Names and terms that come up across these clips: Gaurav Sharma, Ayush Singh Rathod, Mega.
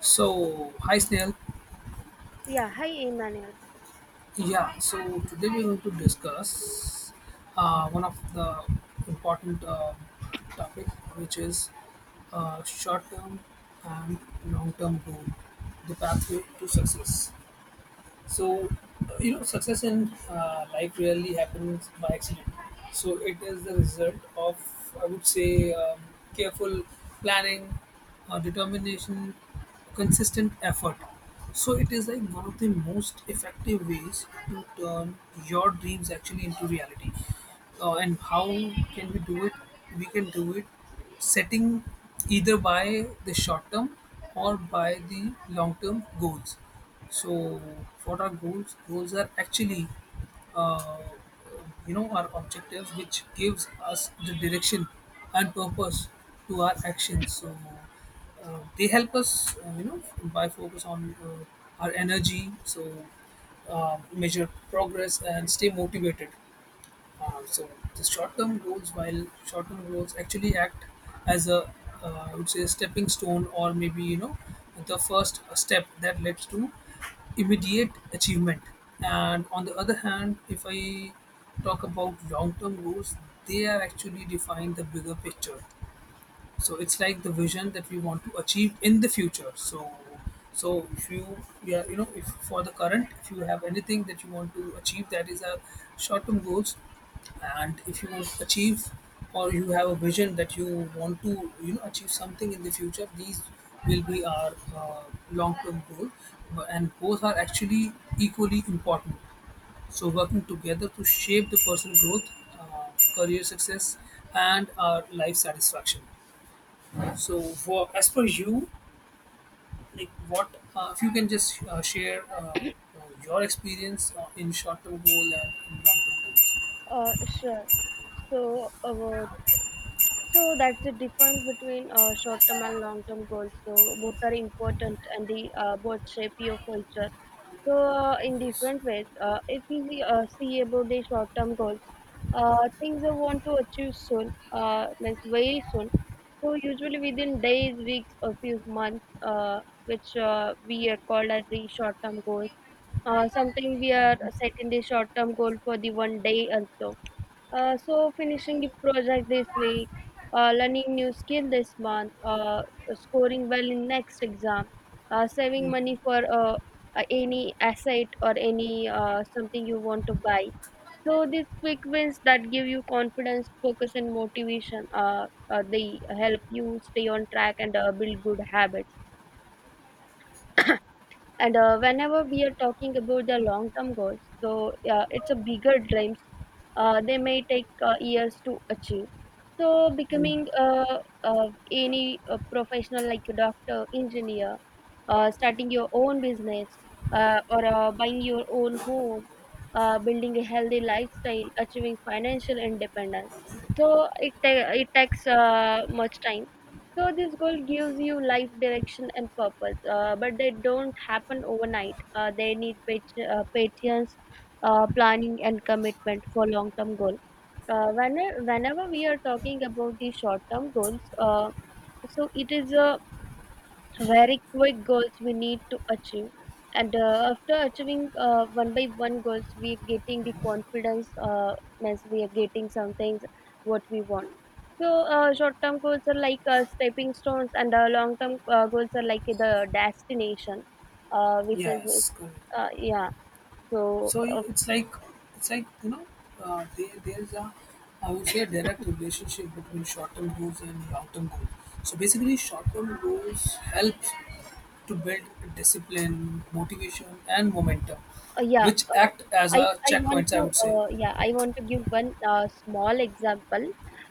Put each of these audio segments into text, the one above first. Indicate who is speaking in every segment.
Speaker 1: So, hi Snail.
Speaker 2: Yeah, hi Emmanuel.
Speaker 1: Yeah, so today we're going to discuss one of the important topic, which is short-term and long-term goal, the pathway to success. So, success in life really happens by accident. So, it is the result of, I would say, careful planning, determination, consistent effort. So, it is like one of the most effective ways to turn your dreams actually into reality. And how can we do it? We can do it setting either by the short term or by the long term goals. So, what are goals? Goals are actually, uh, our objectives, which gives us the direction and purpose to our actions. So, they help us, by focus on our energy. So, measure progress and stay motivated. So the short-term goals, while short-term goals actually act as a, I would say, a stepping stone or maybe the first step that leads to immediate achievement. And on the other hand, if I talk about long-term goals, they are actually define the bigger picture, so it's like the vision that we want to achieve in the future. So if you yeah you know if for the current, if you have anything that you want to achieve, that is our short term goals. And if you achieve, or you have a vision that you want to achieve something in the future, these will be our long term goal. And both are actually equally important, so working together to shape the personal growth, uh, career success, and our life satisfaction. So, for as per you, like what, if you can just share your experience in short-term goal and in long-term goals?
Speaker 2: Sure. So, uh, So that's the difference between short-term and long-term goals. So both are important, and the both shape your future. So in
Speaker 1: Yes.
Speaker 2: different ways, if we see about the short-term goals, things I want to achieve soon, means very soon. So usually within days, weeks, or few months, which we are called as the short-term goals. Sometimes we are setting the short-term goal for the one day also so finishing the project this week, learning new skill this month, scoring well in next exam, saving money for any asset or any something you want to buy. So these quick wins that give you confidence, focus, and motivation, they help you stay on track and build good habits. And whenever we are talking about the long-term goals, so yeah, it's a bigger dreams. They may take years to achieve. So becoming any professional like a doctor, engineer, starting your own business, or buying your own home, building a healthy lifestyle, achieving financial independence. So it takes much time, so this goal gives you life direction and purpose, but they don't happen overnight. They need patience, planning, and commitment for long-term goal. Uh, when, whenever we are talking about the short-term goals, so it is a very quick goals we need to achieve, and after achieving one by one goals we are getting the confidence, means we are getting some things what we want. So short term goals are like stepping stones and long term goals are like the destination, which is
Speaker 1: Yes. Correct.
Speaker 2: yeah so
Speaker 1: So it's like, it's like you know there, there's a, I would say, a direct relationship between short-term goals and long-term goals. So basically, short-term goals help to build discipline, motivation, and momentum,
Speaker 2: yeah
Speaker 1: which act as
Speaker 2: I
Speaker 1: a
Speaker 2: I want
Speaker 1: checkpoints, I
Speaker 2: to
Speaker 1: would say.
Speaker 2: I want to give one small example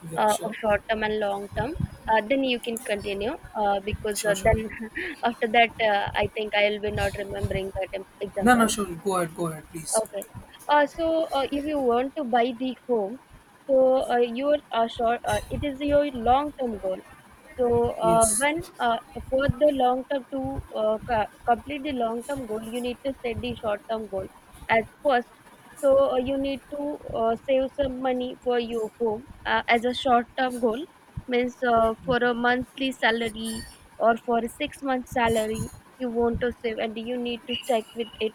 Speaker 1: Yeah,
Speaker 2: of
Speaker 1: sure,
Speaker 2: short term and long term, then you can continue uh, because
Speaker 1: sure,
Speaker 2: uh,
Speaker 1: sure.
Speaker 2: then after that, I think I will be not remembering that
Speaker 1: No, no,
Speaker 2: example.
Speaker 1: sure. Go ahead, please.
Speaker 2: Okay. If you want to buy the home, so it is your long term goal. So,
Speaker 1: Yes,
Speaker 2: when for the long term to complete the long term goal, you need to set the short term goal as first. So, you need to save some money for your home as a short term goal, means for a monthly salary or for a 6 month salary, you want to save and you need to check with it.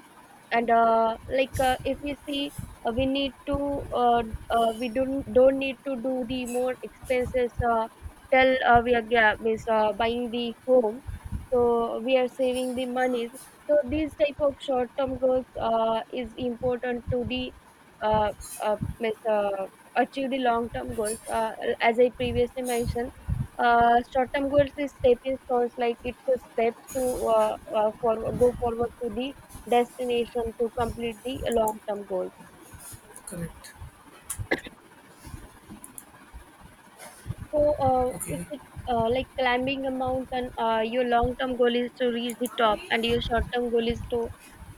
Speaker 2: And if you see, we need to we don't need to do the more expenses. Tell we are means, buying the home, so we are saving the money, so these type of short term goals is important to the uh, uh, means, uh, achieve the long term goals, as I previously mentioned, short term goals is stepping stones, like it's a steps to uh, for go forward to the destination to complete the long term goals.
Speaker 1: correct.
Speaker 2: So, if
Speaker 1: Okay.
Speaker 2: it's like climbing a mountain, your long-term goal is to reach the top, and your short-term goal is to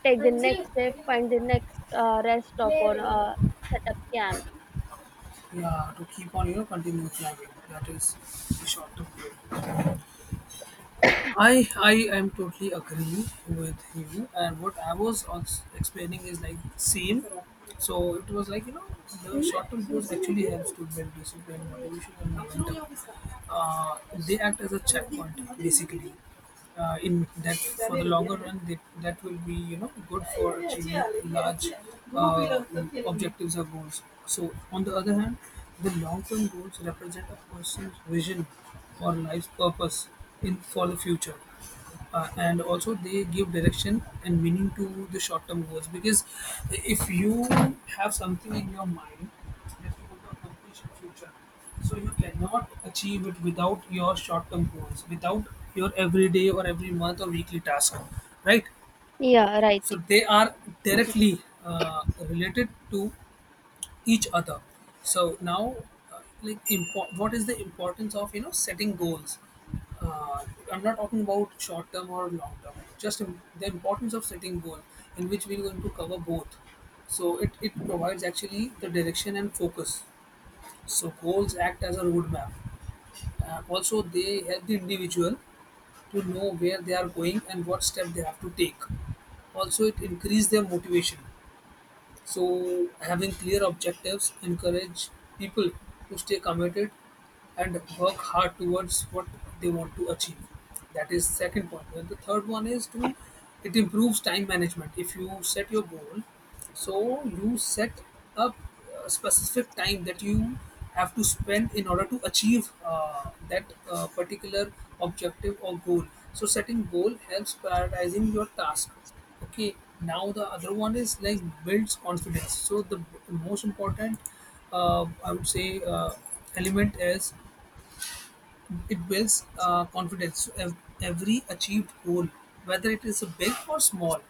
Speaker 2: take
Speaker 1: हाँ
Speaker 2: the
Speaker 1: ji
Speaker 2: next step,
Speaker 1: ले
Speaker 2: find the next rest stop or
Speaker 1: रही
Speaker 2: set up camp.
Speaker 1: Yeah, to keep on, you know, continuing climbing. That is the short term goal. I am totally agree with you. And what I was also explaining is like same. So it was like the short term goals actually helps to build discipline, motivation, and momentum. Uh, they act as a checkpoint basically in that for the longer run, that will be, you know, good for achieving large uh, objectives or goals. So on the other hand, the long-term goals represent a person's vision or life's purpose in for the future. And also they give direction and meaning to the short-term goals, because if you have something in your mind accomplish in future. So you cannot achieve it without your short-term goals, without your everyday or every month or weekly task, right?
Speaker 2: Yeah, right.
Speaker 1: So they are directly related to each other. So now, like, what is the importance of, you know, setting goals? uh, I'm not talking about short term or long term. Just the importance of setting goal, in which we're going to cover both. So it provides actually the direction and focus. So goals act as a roadmap. Also, they help the individual to know where they are going and what step they have to take. Also, it increases their motivation. So having clear objectives encourage people to stay committed and work hard towards what they want to achieve. That is second point. And the third one is to, it improves time management. If you set your goal, so you set up specific time that you have to spend in order to achieve that particular objective or goal. So setting goal helps prioritizing your task. Okay, now the other one is like builds confidence. So the most important, I would say element is it builds confidence. Every achieved goal, whether it is big or small,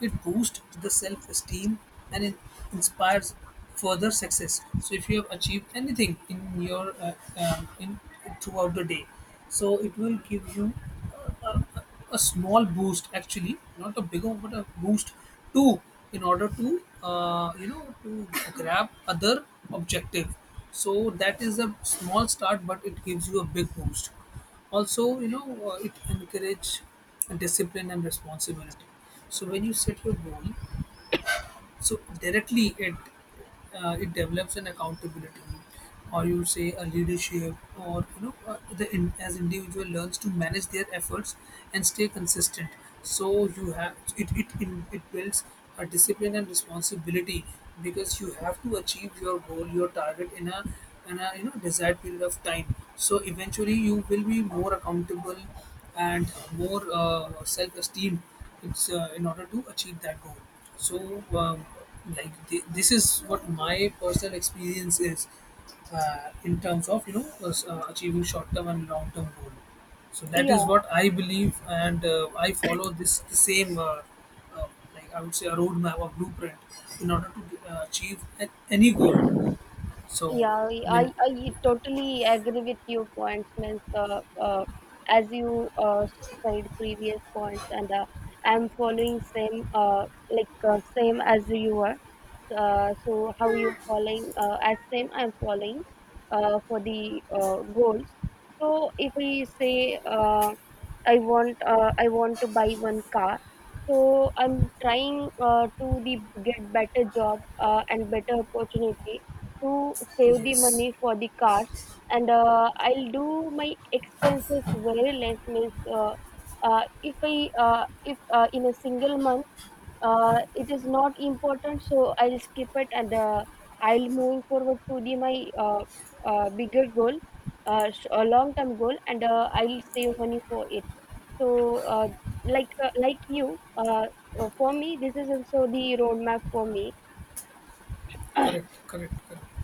Speaker 1: it boosts the self-esteem and it inspires further success. So if you have achieved anything in your in throughout the day, so it will give you a a small boost actually, not a big one but a boost, too, in order to to grab other objective. So that is a small start, but it gives you a big boost. Also, it encourage discipline and responsibility. So when you set your goal, so directly it, it develops an accountability, or you say a leadership, or, as individual learns to manage their efforts and stay consistent. So you have it it, in, it builds a discipline and responsibility, because you have to achieve your goal, your target, in a, you know, desired period of time. So eventually you will be more accountable and more self-esteem. It's in order to achieve that goal. So, like this is what my personal experience is in terms of, you know, achieving short term and long term goal. So that is
Speaker 2: Yeah,
Speaker 1: what I believe, and I follow this the same, uh, like, I would say, a roadmap or blueprint in order to achieve any goal. So
Speaker 2: Yeah,
Speaker 1: I mean,
Speaker 2: I totally agree with your points, means as you said previous points, and I'm following same, same as you are. So how you following as same I'm following for the goals. So if we say, I want to buy one car, so I'm trying to the get better job and better opportunity to save the
Speaker 1: yes,
Speaker 2: money for the cars, and I'll do my expenses very less, means if I if in a single month it is not important, so I'll skip it, and I'll moving forward to the my uh, bigger goal, a long term goal, and I'll save money for it. So like you for me this is also the roadmap for me.
Speaker 1: correct, correct.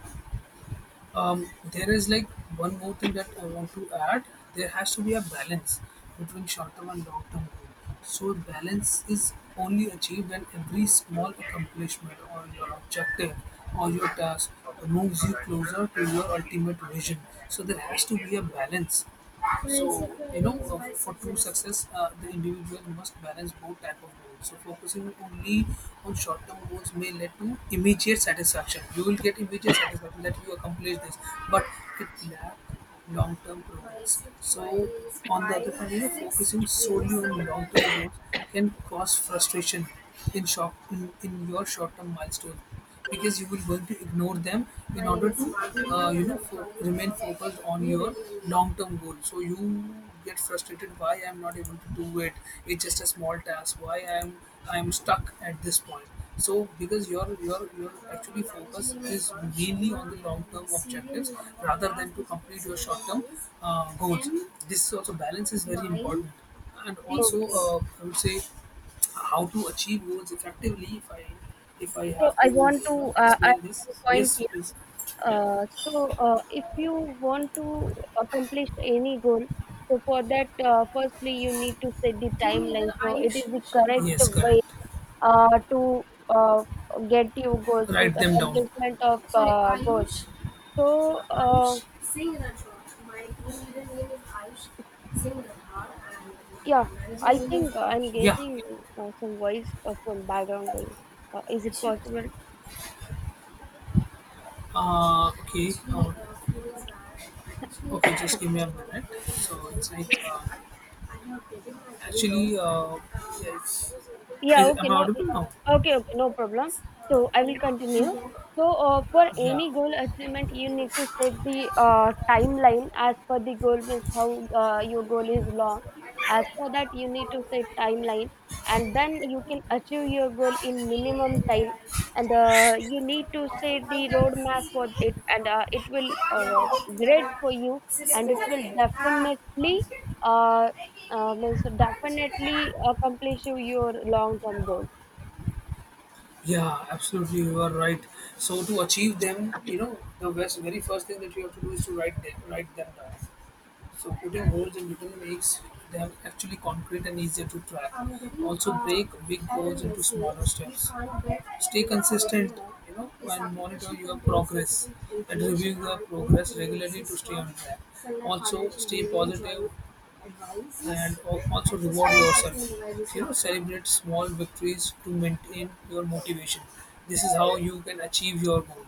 Speaker 1: um, there is like one more thing that I want to add. There has to be a balance between short-term and long-term goal. So balance is only achieved when every small accomplishment or your objective or your task moves you closer to your ultimate vision. So there has to be a balance. So, you know, for true success, the individual must balance both type of goals. So focusing only on short-term goals may lead to immediate satisfaction. You will get immediate satisfaction that you accomplished this, but it lack long-term progress. So on the other hand, you know, focusing solely on long-term goals can cause frustration in in your short-term milestone, because you will going to ignore them in order to, remain focused on your long-term goal. So you get frustrated, why I'm not able to do it? It's just a small task, why I'm stuck at this point? So, because your, your actually focus is mainly on the long-term objectives rather than to complete your short-term goals. This also balance is very important. And also,
Speaker 2: Okay.
Speaker 1: I would say how to achieve goals effectively. If I
Speaker 2: So
Speaker 1: have to,
Speaker 2: I
Speaker 1: you
Speaker 2: want to
Speaker 1: know,
Speaker 2: add
Speaker 1: explain this,
Speaker 2: one point
Speaker 1: yes,
Speaker 2: here.
Speaker 1: please.
Speaker 2: If you want to accomplish any goal, so for that, firstly you need to set the
Speaker 1: Team
Speaker 2: timeline.
Speaker 1: leader
Speaker 2: So it
Speaker 1: Ayush
Speaker 2: is the
Speaker 1: Sharma.
Speaker 2: correct
Speaker 1: Yes, correct.
Speaker 2: way to uh, get your goals, means
Speaker 1: Write them down.
Speaker 2: accomplishment of
Speaker 1: Sorry,
Speaker 2: goals.
Speaker 1: Ayush.
Speaker 2: So
Speaker 1: Ayush Singh Rathod. My team leader name is Ayush Singh Rathod and
Speaker 2: yeah,
Speaker 1: my managing
Speaker 2: I
Speaker 1: name is
Speaker 2: think
Speaker 1: Gaurav
Speaker 2: I'm
Speaker 1: Sharma.
Speaker 2: getting some voice from background voice. Is it
Speaker 1: Yeah,
Speaker 2: possible?
Speaker 1: Uh, okay, uh, okay, just give me a minute. So it's like, actually, uh, yes.
Speaker 2: Yeah,
Speaker 1: Is, am I audible now?
Speaker 2: okay, okay, no problem. So I will continue. So for
Speaker 1: Yeah.
Speaker 2: any goal achievement,
Speaker 1: お
Speaker 2: you
Speaker 1: や
Speaker 2: need to
Speaker 1: す
Speaker 2: set
Speaker 1: み
Speaker 2: the timeline as per the goal, means how your goal is long. As for that, you need to set timeline, and then you can achieve your goal in minimum time. And you need to set the roadmap for it, and it will great for you, and it will definitely. Uh, means definitely accomplish your
Speaker 1: な
Speaker 2: long-term
Speaker 1: さい
Speaker 2: goals.
Speaker 1: Yeah, absolutely, you are right. So to achieve them, you know, the best, very first thing that you have to do is to write them down. So putting holes in metal makes them actually concrete and easier to track. Also break big goals into smaller steps. Stay consistent, you know, and monitor your progress and review your progress regularly to stay on track. Also stay positive and also reward yourself. You know, celebrate small victories to maintain your motivation. This is how you can achieve your goal.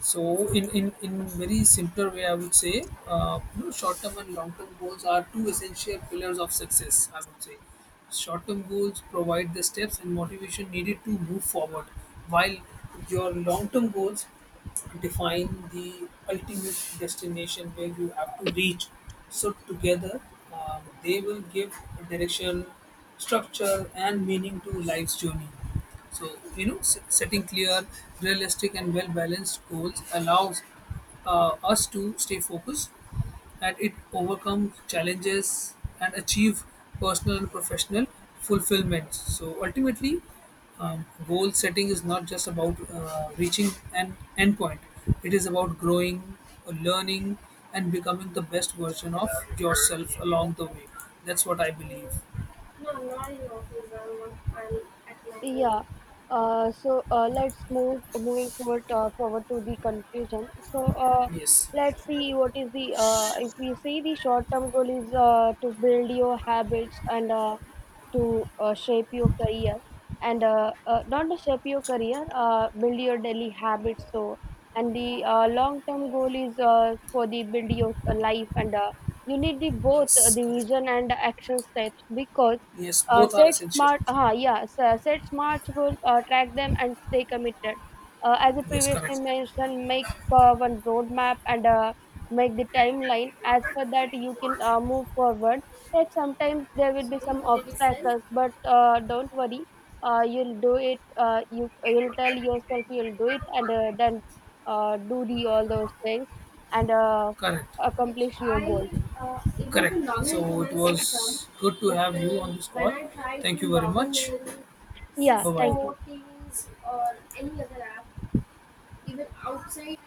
Speaker 1: So in very simpler way, I would say, you know, short-term and long-term goals are two essential pillars of success, I would say. Short-term goals provide the steps and motivation needed to move forward, while your long-term goals define the ultimate destination where you have to reach. So together, they will give direction, structure, and meaning to life's journey. So, you know, setting clear, realistic, and well balanced goals allows us to stay focused, and it overcomes challenges and achieve personal and professional fulfillment. So, ultimately, goal setting is not just about reaching an endpoint; it is about growing, learning, and becoming the best version of yourself along the way. That's what I believe. No, not in office. I'm at my home.
Speaker 2: Yeah. Let's move moving forward to the conclusion. So uh,
Speaker 1: Yes,
Speaker 2: let's see what is the if we see the short-term goal is to build your habits and to shape your career, and not to shape your career, build your daily habits. So and the long term goal is for the build your life, and you need the both,
Speaker 1: yes,
Speaker 2: the
Speaker 1: correct.
Speaker 2: vision and action steps, because
Speaker 1: Yes, both are essential.
Speaker 2: set smart goals, track them and stay committed, as I
Speaker 1: Yes, correct.
Speaker 2: previously mentioned, make one roadmap, and make the timeline as per that you can move forward. Yet sometimes there will be
Speaker 1: Sorry,
Speaker 2: some
Speaker 1: what did you
Speaker 2: obstacles, but don't worry. You'll do it. You'll tell yourself you'll do it, and then do the
Speaker 1: say?
Speaker 2: all those things, and
Speaker 1: Correct. It's,
Speaker 2: accomplish your
Speaker 1: I,
Speaker 2: goals.
Speaker 1: it was a Correct. Novel So it review system, was good to but have you on this when call. I tried Thank you very much.
Speaker 2: Yeah,
Speaker 1: Novel, Bye bye.
Speaker 2: thank you.
Speaker 1: Cisco, Teams, or any other app, even outside,